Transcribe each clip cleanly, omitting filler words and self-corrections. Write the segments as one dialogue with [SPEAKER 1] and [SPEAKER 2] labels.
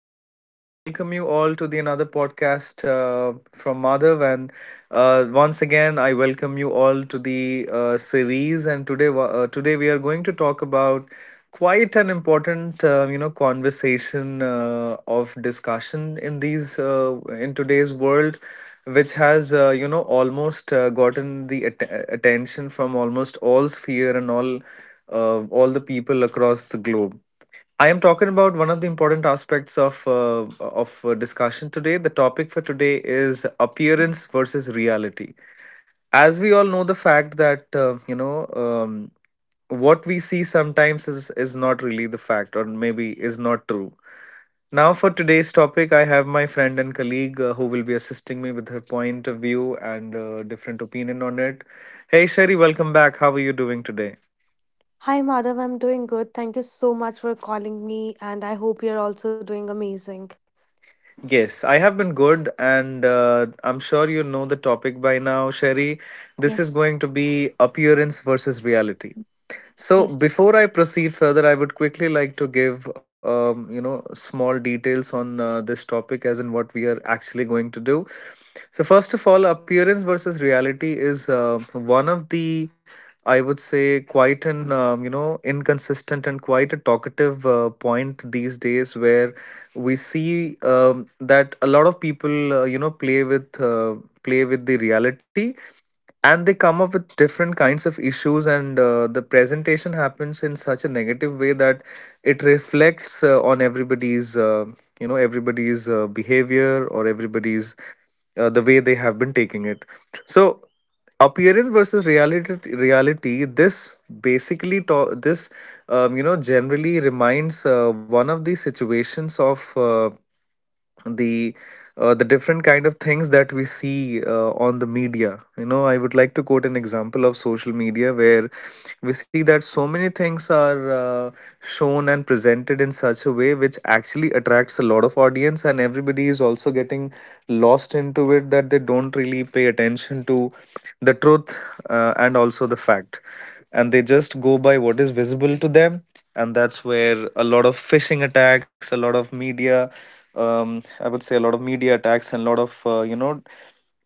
[SPEAKER 1] everyone. I welcome you all to the another podcast from Madhav, and once again I welcome you all to the series. And today, today we are going to talk about quite an important, conversation of discussion in these in today's world, which has almost gotten the attention from almost all sphere and all the people across the globe. I am talking about one of the important aspects of discussion today. The topic for today is appearance versus reality. As we all know, the fact that what we see sometimes is not really the fact, or maybe is not true. Now, for today's topic, I have my friend and colleague who will be assisting me with her point of view and different opinion on it. Hey, Sherry, welcome back. How are you doing today?
[SPEAKER 2] Hi Madhav, I'm doing good. Thank you so much for calling me, and I hope you're also doing amazing.
[SPEAKER 1] Yes, I have been good, and I'm sure you know the topic by now, Sherry. This is
[SPEAKER 2] Yes,
[SPEAKER 1] going to be appearance versus reality. So
[SPEAKER 2] yes,
[SPEAKER 1] before I proceed further, I would quickly like to give small details on this topic, as in what we are actually going to do. So first of all, appearance versus reality is one of the, I would say, quite an inconsistent and quite a talkative point these days, where we see that a lot of people play with the reality, and they come up with different kinds of issues, and the presentation happens in such a negative way that it reflects on everybody's everybody's behavior or everybody's the way they have been taking it. So appearance versus reality, this basically this generally reminds one of the situations of the the different kind of things that we see on the media. You know, I would like to quote an example of social media, where we see that so many things are shown and presented in such a way which actually attracts a lot of audience, and everybody is also getting lost into it, that they don't really pay attention to the truth, and also the fact, and they just go by what is visible to them. And that's where a lot of phishing attacks, a lot of media, I would say a lot of media attacks and a lot of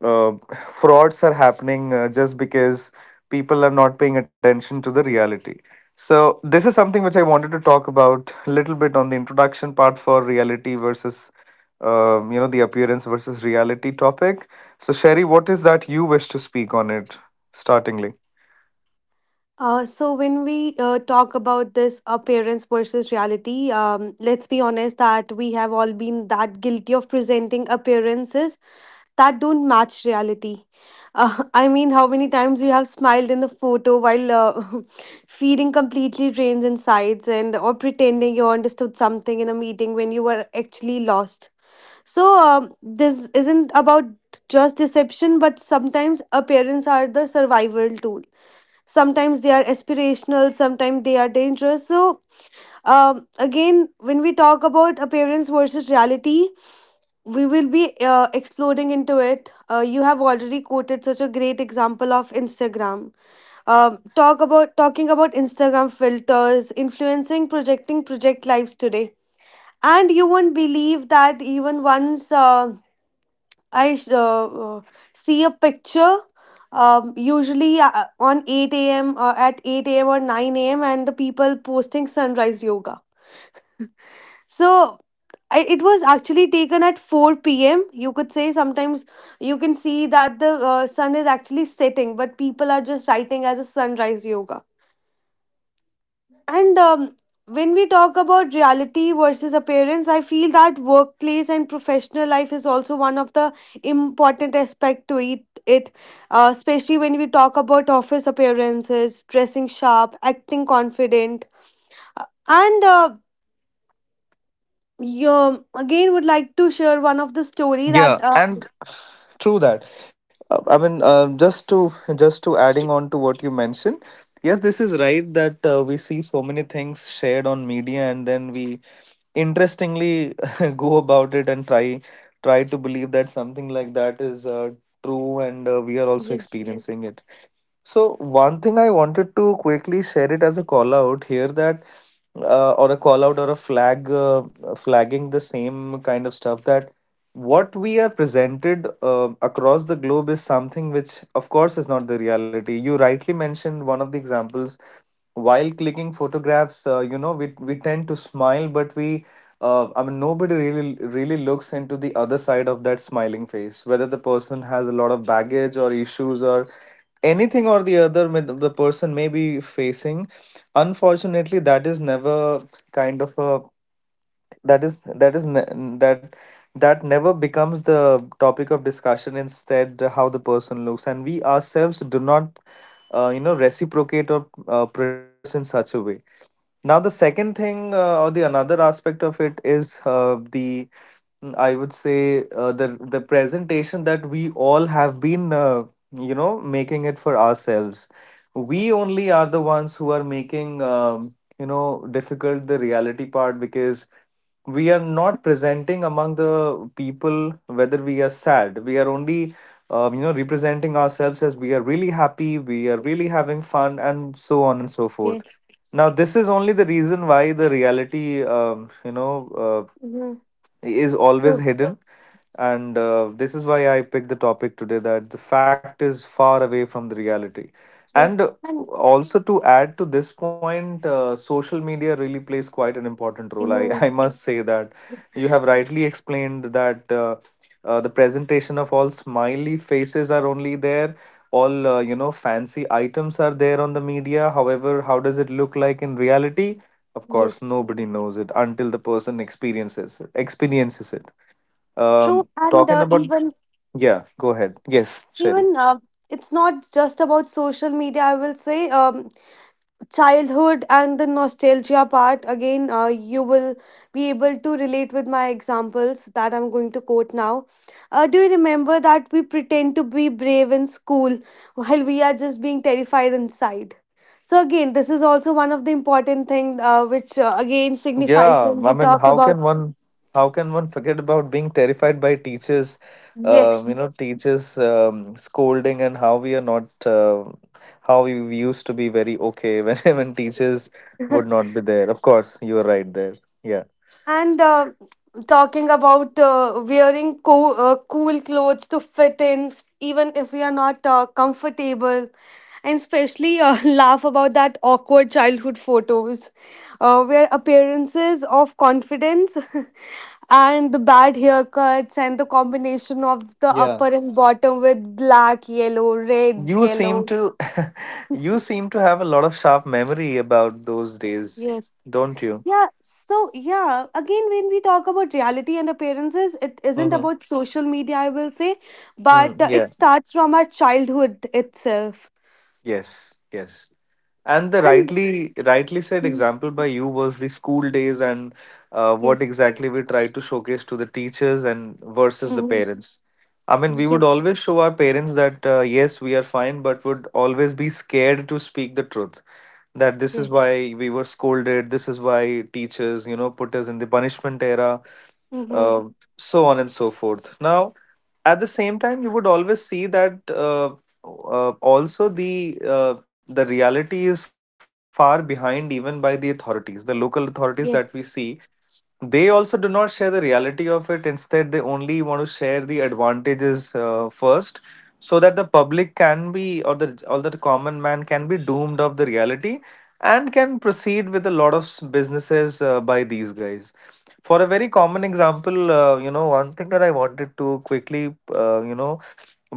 [SPEAKER 1] uh, frauds are happening just because people are not paying attention to the reality. So this is something which I wanted to talk about a little bit on the introduction part for reality versus, the appearance versus reality topic. So Sherry, what is that you wish to speak on it startingly?
[SPEAKER 2] So when we talk about this appearance versus reality, let's be honest that we have all been that guilty of presenting appearances that don't match reality. I mean, how many times you have smiled in a photo while feeling completely drained in sides and or pretending you understood something in a meeting when you were actually lost. So this isn't about just deception, but sometimes appearance are the survival tool. Sometimes they are aspirational, sometimes they are dangerous. So again, when we talk about appearance versus reality, we will be exploding into it. You have already quoted such a great example of Instagram, talking about Instagram filters, influencing, projecting project lives today. And you won't believe that even once I sh- uh, uh, see a picture, usually on 8 a.m. At 8 a.m. or 9 a.m. and the people posting sunrise yoga. So it was actually taken at 4 p.m. You could say sometimes you can see that the sun is actually setting, but people are just writing as a sunrise yoga. And when we talk about reality versus appearance, I feel that workplace and professional life is also one of the important aspect to it. Especially when we talk about office appearances, dressing sharp, acting confident, Uh, and uh, again would like to share one of the story that.
[SPEAKER 1] Yeah, and, true that. I mean, just to adding on to what you mentioned. Yes, this is right that we see so many things shared on media, and then we interestingly go about it and try to believe that something like that is, true, and we are also, yes,
[SPEAKER 2] Yes,
[SPEAKER 1] experiencing it. So one thing I wanted to quickly share it as a call out here, that or a call out or a flag, flagging the same kind of stuff, that what we are presented across the globe is something which of course is not the reality. You rightly mentioned one of the examples, while clicking photographs, we tend to smile, but we, I mean, nobody really looks into the other side of that smiling face, whether the person has a lot of baggage or issues or anything or the other the person may be facing. Unfortunately, that is never kind of a, that is, that that, that never becomes the topic of discussion. Instead, how the person looks, and we ourselves do not reciprocate or predict us in such a way. Now, the second thing, or the another aspect of it is the, mm, I would say, the presentation that we all have been making it for ourselves. We only are the ones who are making difficult the reality part, because we are not presenting among the people whether we are sad. We are only representing ourselves as we are really happy, we are really having fun, and so on and so forth.
[SPEAKER 2] yes.
[SPEAKER 1] Now, this is only the reason why the reality, uh,
[SPEAKER 2] Mhm.
[SPEAKER 1] is always
[SPEAKER 2] True.
[SPEAKER 1] hidden, and this is why I picked the topic today, that the fact is far away from the reality.
[SPEAKER 2] Yes.
[SPEAKER 1] And
[SPEAKER 2] And
[SPEAKER 1] also to add to this point, social media really plays quite an important role,
[SPEAKER 2] mhm.
[SPEAKER 1] I must say that you have rightly explained that the presentation of all smiley faces are only there, all fancy items are there on the media. However, how does it look like in reality? Of course,
[SPEAKER 2] Yes.
[SPEAKER 1] nobody knows it until the person experiences it.
[SPEAKER 2] True. And
[SPEAKER 1] Talking
[SPEAKER 2] uh,
[SPEAKER 1] about,
[SPEAKER 2] even,
[SPEAKER 1] yeah, go ahead. Yes, Sherry.
[SPEAKER 2] even, it's not just about social media, I will say. Childhood and the nostalgia part, again, you will be able to relate with my examples that I'm going to quote now. Do you remember that we pretend to be brave in school while we are just being terrified inside? So again, this is also one of the important thing which again signifies
[SPEAKER 1] Yeah,
[SPEAKER 2] when
[SPEAKER 1] I
[SPEAKER 2] we
[SPEAKER 1] mean,
[SPEAKER 2] talk
[SPEAKER 1] how
[SPEAKER 2] about.
[SPEAKER 1] can one, how can one forget about being terrified by teachers?
[SPEAKER 2] Yes.
[SPEAKER 1] You know, teachers scolding, and how we are not, how we used to be very okay when when teachers would not be there. Of course, you are right there. Yeah.
[SPEAKER 2] And talking about wearing cool clothes to fit in, even if we are not comfortable, and especially laugh about that awkward childhood photos where appearances of confidence and the bad haircuts and the combination of the
[SPEAKER 1] Yeah.
[SPEAKER 2] upper and bottom with black, yellow, red,
[SPEAKER 1] You seem
[SPEAKER 2] yellow.
[SPEAKER 1] to you seem to have a lot of sharp memory about those days,
[SPEAKER 2] Yes.
[SPEAKER 1] don't you?
[SPEAKER 2] Yeah, so yeah, again, when we talk about reality and appearances, it isn't
[SPEAKER 1] Mm-hmm.
[SPEAKER 2] about social media, I will say, but
[SPEAKER 1] Mm,
[SPEAKER 2] it
[SPEAKER 1] yeah.
[SPEAKER 2] starts from our childhood itself.
[SPEAKER 1] Yes, yes. And the
[SPEAKER 2] And
[SPEAKER 1] rightly said
[SPEAKER 2] mm,
[SPEAKER 1] example by you was the school days, and what
[SPEAKER 2] yes,
[SPEAKER 1] exactly we tried to showcase to the teachers and versus the
[SPEAKER 2] mhm,
[SPEAKER 1] parents. I mean, we would
[SPEAKER 2] yes,
[SPEAKER 1] always show our parents that, yes, we are fine, but would always be scared to speak the truth, that this is
[SPEAKER 2] yes,
[SPEAKER 1] why we were scolded, this is why teachers, you know, put us in the punishment era,
[SPEAKER 2] hmm,
[SPEAKER 1] uh, so on and so forth. Now, at the same time, you would always see that also the, the reality is far behind even by the authorities, the local authorities that we
[SPEAKER 2] yes,
[SPEAKER 1] see, they also do not share the reality of it. Instead, they only want to share the advantages first, so that the public can be, or the, or the common man can be doomed of the reality, and can proceed with a lot of businesses by these guys. For a very common example, one thing that I wanted to quickly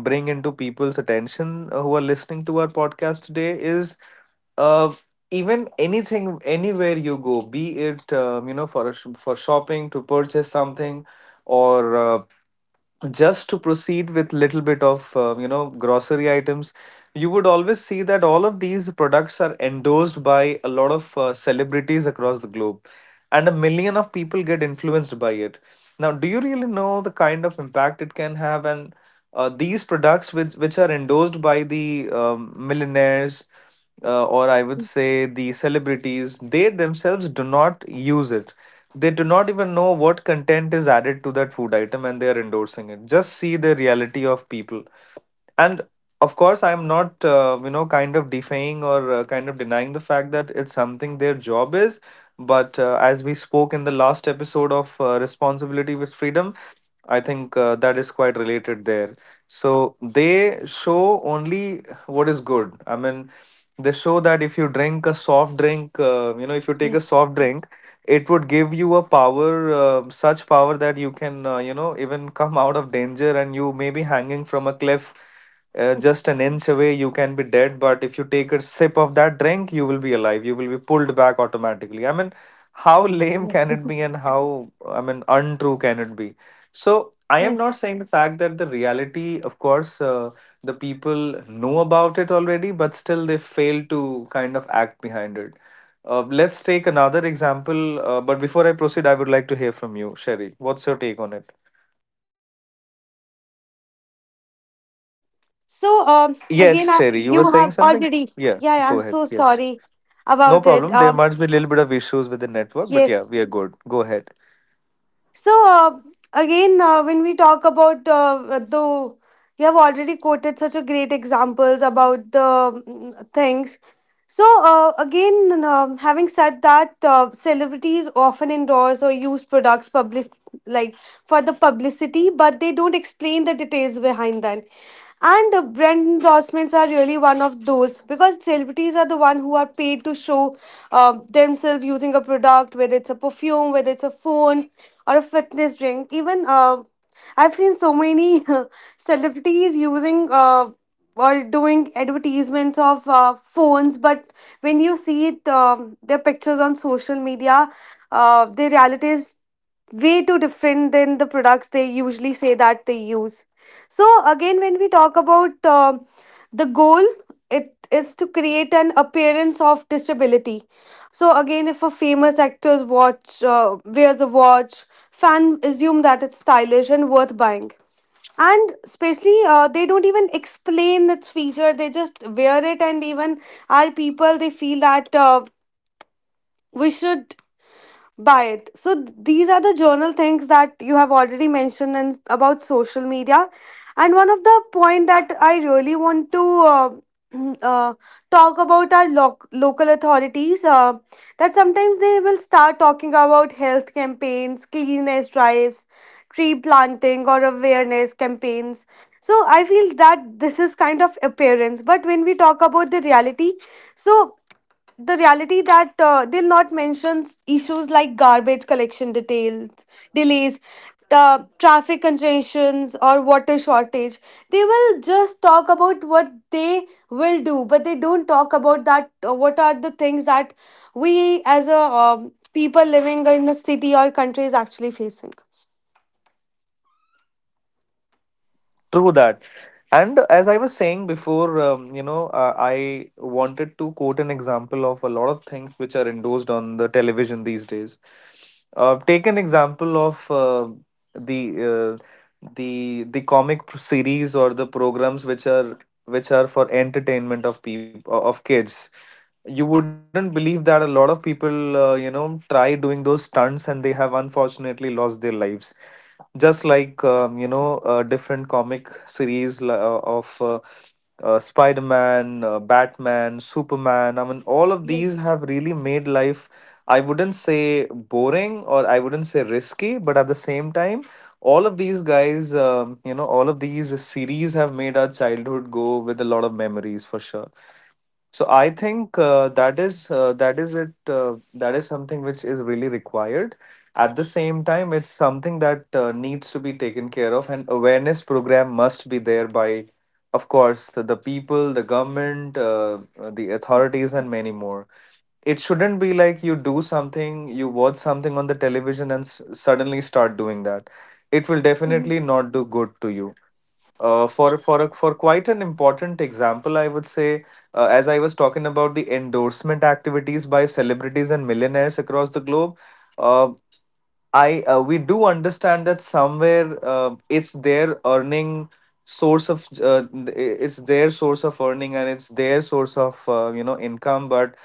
[SPEAKER 1] bring into people's attention, who are listening to our podcast today, is uh even anything, anywhere you go, be it for a for shopping, to purchase something, or just to proceed with little bit of grocery items, you would always see that all of these products are endorsed by a lot of celebrities across the globe, and a million of people get influenced by it. Now, do you really know the kind of impact it can have? And these products, which are endorsed by the millionaires, or I would say the celebrities, they themselves do not use it. They do not even know what content is added to that food item, and they are endorsing it. Just see the reality of people. And of course, I'm not, kind of defying or kind of denying the fact that it's something their job is. But as we spoke in the last episode of Responsibility with Freedom, I think that is quite related there. So they show only what is good. I mean, they show that if you drink a soft drink, if you take a
[SPEAKER 2] yes,
[SPEAKER 1] soft drink, it would give you a power, such power that you can even come out of danger, and you may be hanging from a cliff, just an inch away you can be dead, but if you take a sip of that drink, you will be alive, you will be pulled back automatically. I mean, how lame
[SPEAKER 2] yes,
[SPEAKER 1] can it be, and how, I mean, untrue can it be? So I am not saying the fact that the reality, of course, the people know about it already, but still they fail to kind of act behind it. Let's take another example. But before I proceed, I would like to hear from you, Sherry. What's your take on it?
[SPEAKER 2] yes.
[SPEAKER 1] Yes, Sherry, you were
[SPEAKER 2] You
[SPEAKER 1] saying
[SPEAKER 2] have
[SPEAKER 1] something?
[SPEAKER 2] already,
[SPEAKER 1] Yeah,
[SPEAKER 2] yeah, yeah, I'm
[SPEAKER 1] go ahead.
[SPEAKER 2] so
[SPEAKER 1] Yes.
[SPEAKER 2] sorry
[SPEAKER 1] No
[SPEAKER 2] about it.
[SPEAKER 1] problem. There might be a little bit of issues with the network, but yeah,
[SPEAKER 2] Yes,
[SPEAKER 1] we are good. Go ahead.
[SPEAKER 2] So uh, when we talk about you have already quoted such a great examples about the things. Having said that, celebrities often endorse or use products published like for the publicity, but they don't explain the details behind that. And the brand endorsements are really one of those because celebrities are the one who are paid to show themselves using a product, whether it's a perfume, whether it's a phone or a fitness drink. Even I've seen so many celebrities using or doing advertisements of phones, but when you see it, their pictures on social media, the reality is way too different than the products they usually say that they use. So, again, when we talk about the goal, it is to create an appearance of disability. So, again, if a famous actor's watch wears a watch, fan assume that it's stylish and worth buying. And especially, they don't even explain its feature. They just wear it, and even our people they feel that we should buy it. So these are the journal things that you have already mentioned and about social media. And one of the point that I really want to uh, talk about are local authorities. That sometimes they will start talking about health campaigns, cleanliness drives, tree planting, or awareness campaigns. So I feel that this is kind of appearance, but when we talk about the reality, so the reality that they'll not mention issues like garbage collection details, delays, traffic congestions, or water shortage. They will just talk about what they will do, but they don't talk about that. What are the things that we as a people living in a city or country is actually facing?
[SPEAKER 1] True that. And as I was saying before, I wanted to quote an example of a lot of things which are endorsed on the television these days. Take an example of the the series or the programs which are for entertainment of people of kids. You wouldn't believe that a lot of people try doing those stunts and they have unfortunately lost their lives, just like different comic series of spider-man, batman, superman. I mean all of these
[SPEAKER 2] Yes.
[SPEAKER 1] have really made life, I wouldn't say boring or I wouldn't say risky, but at the same time, all of these guys, all of these series have made our childhood go with a lot of memories for sure. So I think that is it. That is something which is really required. At the same time, it's something that needs to be taken care of, and awareness program must be there by, of course, the people, the government, the authorities, and many more. It shouldn't be like you do something, you watch something on the television, and suddenly start doing that. It will definitely
[SPEAKER 2] Mhm.
[SPEAKER 1] not do good to you. For quite an important example, I would say, as I was talking about the endorsement activities by celebrities and millionaires across the globe, uh, I we do understand that somewhere it's their source of earning and it's their source of income, but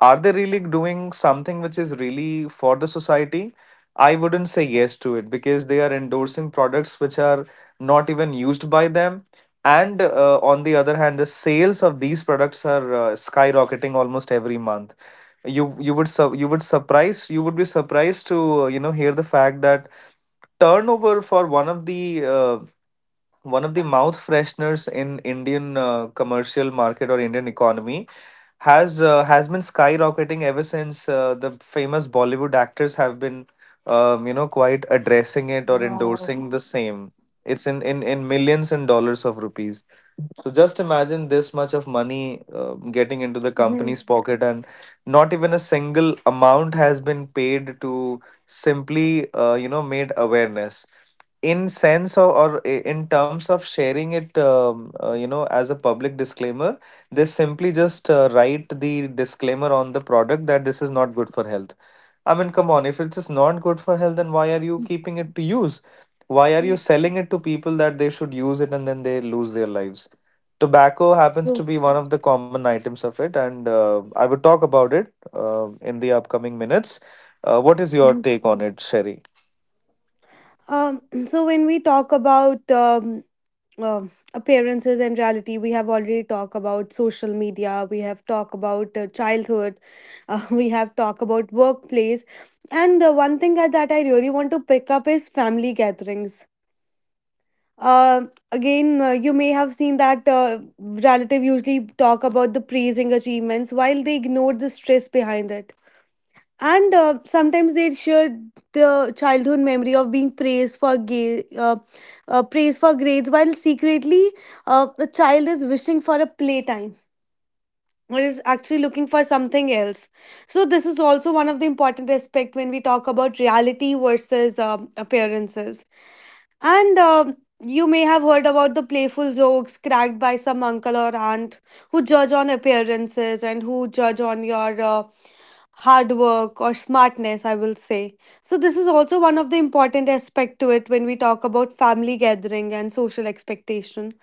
[SPEAKER 1] are they really doing something which is really for the society? I wouldn't say yes to it, because they are endorsing products which are not even used by them. And on the other hand, the sales of these products are skyrocketing almost every month. You you would surprise, you would be surprised to hear the fact that turnover for one of the mouth fresheners in Indian commercial market or Indian economy has been skyrocketing ever since the famous Bollywood actors have been quite addressing it or
[SPEAKER 2] Wow.
[SPEAKER 1] endorsing the same. It's in millions and dollars of rupees. So just imagine this much of money getting into the
[SPEAKER 2] Mhm.
[SPEAKER 1] company's pocket, and not even a single amount has been paid to simply made awareness in sense or in terms of sharing it as a public disclaimer. They simply just write the disclaimer on the product that this is not good for health. I mean, come on, if it is not good for health, then why are you keeping it to use? Why are you
[SPEAKER 2] Yes.
[SPEAKER 1] selling it to people that they should use it and then they lose their lives? Tobacco happens to
[SPEAKER 2] True.
[SPEAKER 1] be one of the common items of it, and I will talk about it in the upcoming minutes. What is your
[SPEAKER 2] Mhm.
[SPEAKER 1] take on it, Sherry?
[SPEAKER 2] Um, so when we talk about appearances and reality, we have already talked about social media, we have talked about childhood, we have talked about workplace, and one thing that I really want to pick up is family gatherings. Uh, again You may have seen that relative usually talk about the praising achievements while they ignore the stress behind it, and sometimes they shared the childhood memory of being praised for grades while secretly the child is wishing for a playtime or is actually looking for something else. So this is also one of the important aspect when we talk about reality versus appearances. And You may have heard about the playful jokes cracked by some uncle or aunt who judge on appearances and who judge on your hard work or smartness, I will say. So, this is also one of the important aspect to it when we talk about family gathering and social expectation.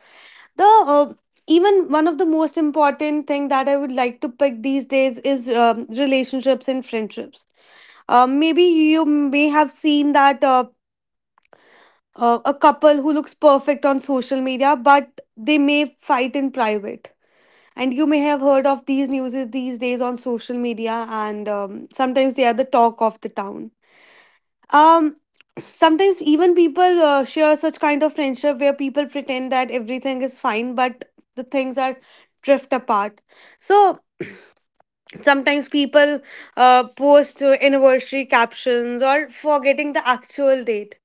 [SPEAKER 2] The Even one of the most important thing that I would like to pick these days is relationships and friendships. Maybe you may have seen that a couple who looks perfect on social media, but they may fight in private. And you may have heard of these news these days on social media, and sometimes they are the talk of the town. Um, Sometimes even people share such kind of friendship where people pretend that everything is fine, but the things are drift apart. So sometimes people post anniversary captions or forgetting the actual date,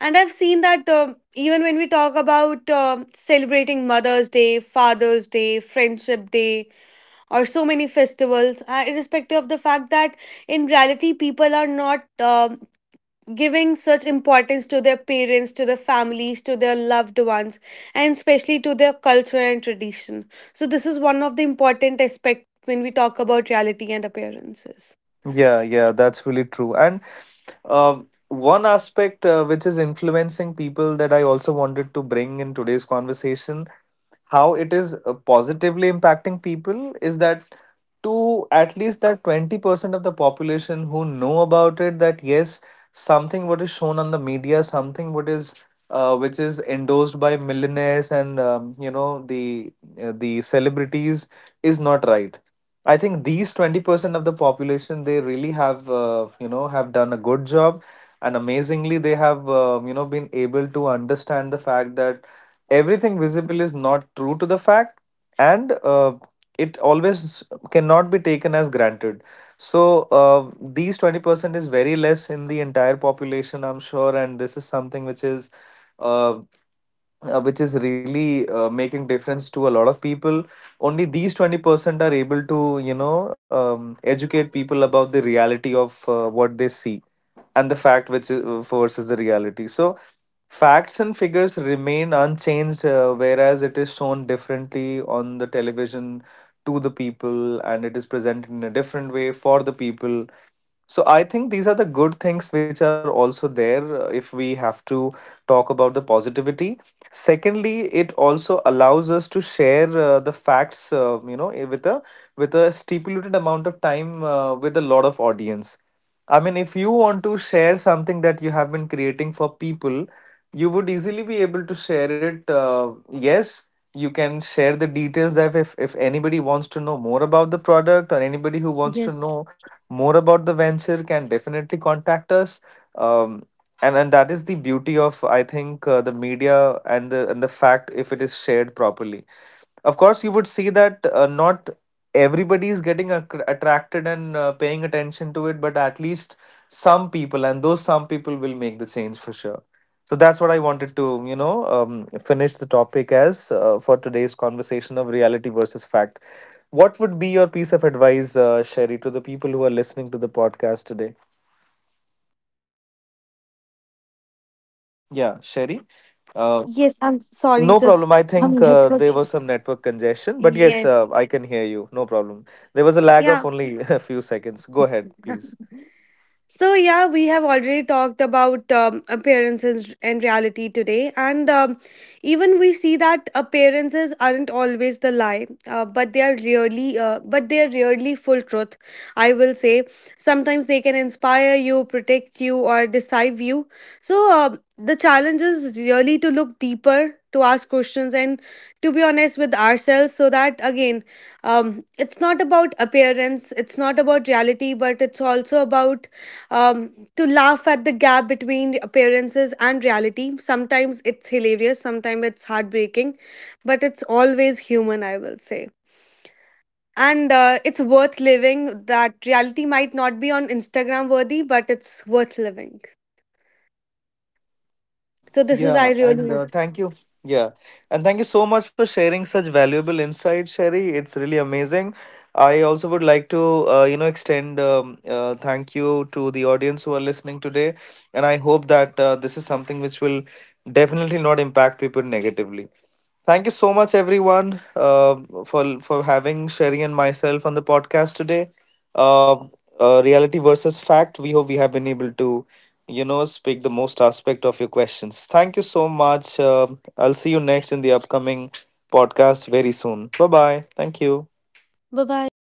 [SPEAKER 2] and I've seen that even when we talk about celebrating Mother's Day, Father's Day, Friendship Day, or so many festivals, irrespective of the fact that in reality people are not giving such importance to their parents, to their families, to their loved ones, and especially to their culture and tradition. So, this is one of the important aspects when we talk about reality and appearances.
[SPEAKER 1] Yeah, yeah, that's really true. And one aspect which is influencing people, that I also wanted to bring in today's conversation, how it is positively impacting people, is that to at least that 20% of the population who know about it, that yes, something what is shown on the media, something what is which is endorsed by millionaires and the celebrities is not right. I think these 20% of the population, they really have have done a good job, and amazingly they have been able to understand the fact that everything visible is not true to the fact, and it always cannot be taken as granted. So these 20% is very less in the entire population, I'm sure, and this is something uh, which is really making difference to a lot of people. Only these 20% are able to, you know, educate people about the reality of what they see and the fact which forces the reality. So, facts and figures remain unchanged, whereas it is shown differently on the television to the people, and it is presented in a different way for the people. So I think these are the good things which are also there, if we have to talk about the positivity. Secondly, it also allows us to share the facts, with a stipulated amount of time, with a lot of audience. I mean, if you want to share something that you have been creating for people, you would easily be able to share it. Yes, you can share the details that if anybody wants to know more about the product, or anybody who wants to know more about the venture, can definitely contact us. Um, and and that is the beauty of, I think, the media and the fact, if it is shared properly. Of course, you would see that not everybody is getting attracted and paying attention to it, but at least some people, and those some people will make the change for sure. So that's what I wanted to, you know, finish the topic as for today's conversation of reality versus fact. What would be your piece of advice, Sherry, to the people who are listening to the podcast today? Yeah, Sherry. Uh,
[SPEAKER 2] Yes, I'm sorry,
[SPEAKER 1] no
[SPEAKER 2] just
[SPEAKER 1] problem. I
[SPEAKER 2] some
[SPEAKER 1] think
[SPEAKER 2] network.
[SPEAKER 1] there was some network congestion, but yes,
[SPEAKER 2] Yes.
[SPEAKER 1] I can hear you. No problem. There was a lag
[SPEAKER 2] Yeah.
[SPEAKER 1] of only a few seconds. Go ahead, please.
[SPEAKER 2] So, yeah, we have already talked about appearances and reality today. And even we see that appearances aren't always the lie, but they are really full truth, I will say. Sometimes they can inspire you, protect you, or deceive you. So, the challenge is really to look deeper, to ask questions, and to be honest with ourselves. So that again, it's not about appearance, it's not about reality, but it's also about, to laugh at the gap between appearances and reality. Sometimes it's hilarious, sometimes it's heartbreaking, but it's always human, I will say. And it's worth living. That reality might not be on Instagram worthy, but it's worth living. So this is I
[SPEAKER 1] Yeah,
[SPEAKER 2] really
[SPEAKER 1] and
[SPEAKER 2] want.
[SPEAKER 1] thank you. Yeah, and thank you so much for sharing such valuable insights, Sherry. It's really amazing. I also would like to, you know, extend thank you to the audience who are listening today, and I hope that this is something which will definitely not impact people negatively. Thank you so much, everyone, uh, for for having Sherry and myself on the podcast today. Uh, Reality versus fact. We hope we have been able to, you know, speak the most aspect of your questions. Thank you so much. I'll see you next in the upcoming podcast very soon. Bye bye. Thank you.
[SPEAKER 2] Bye bye.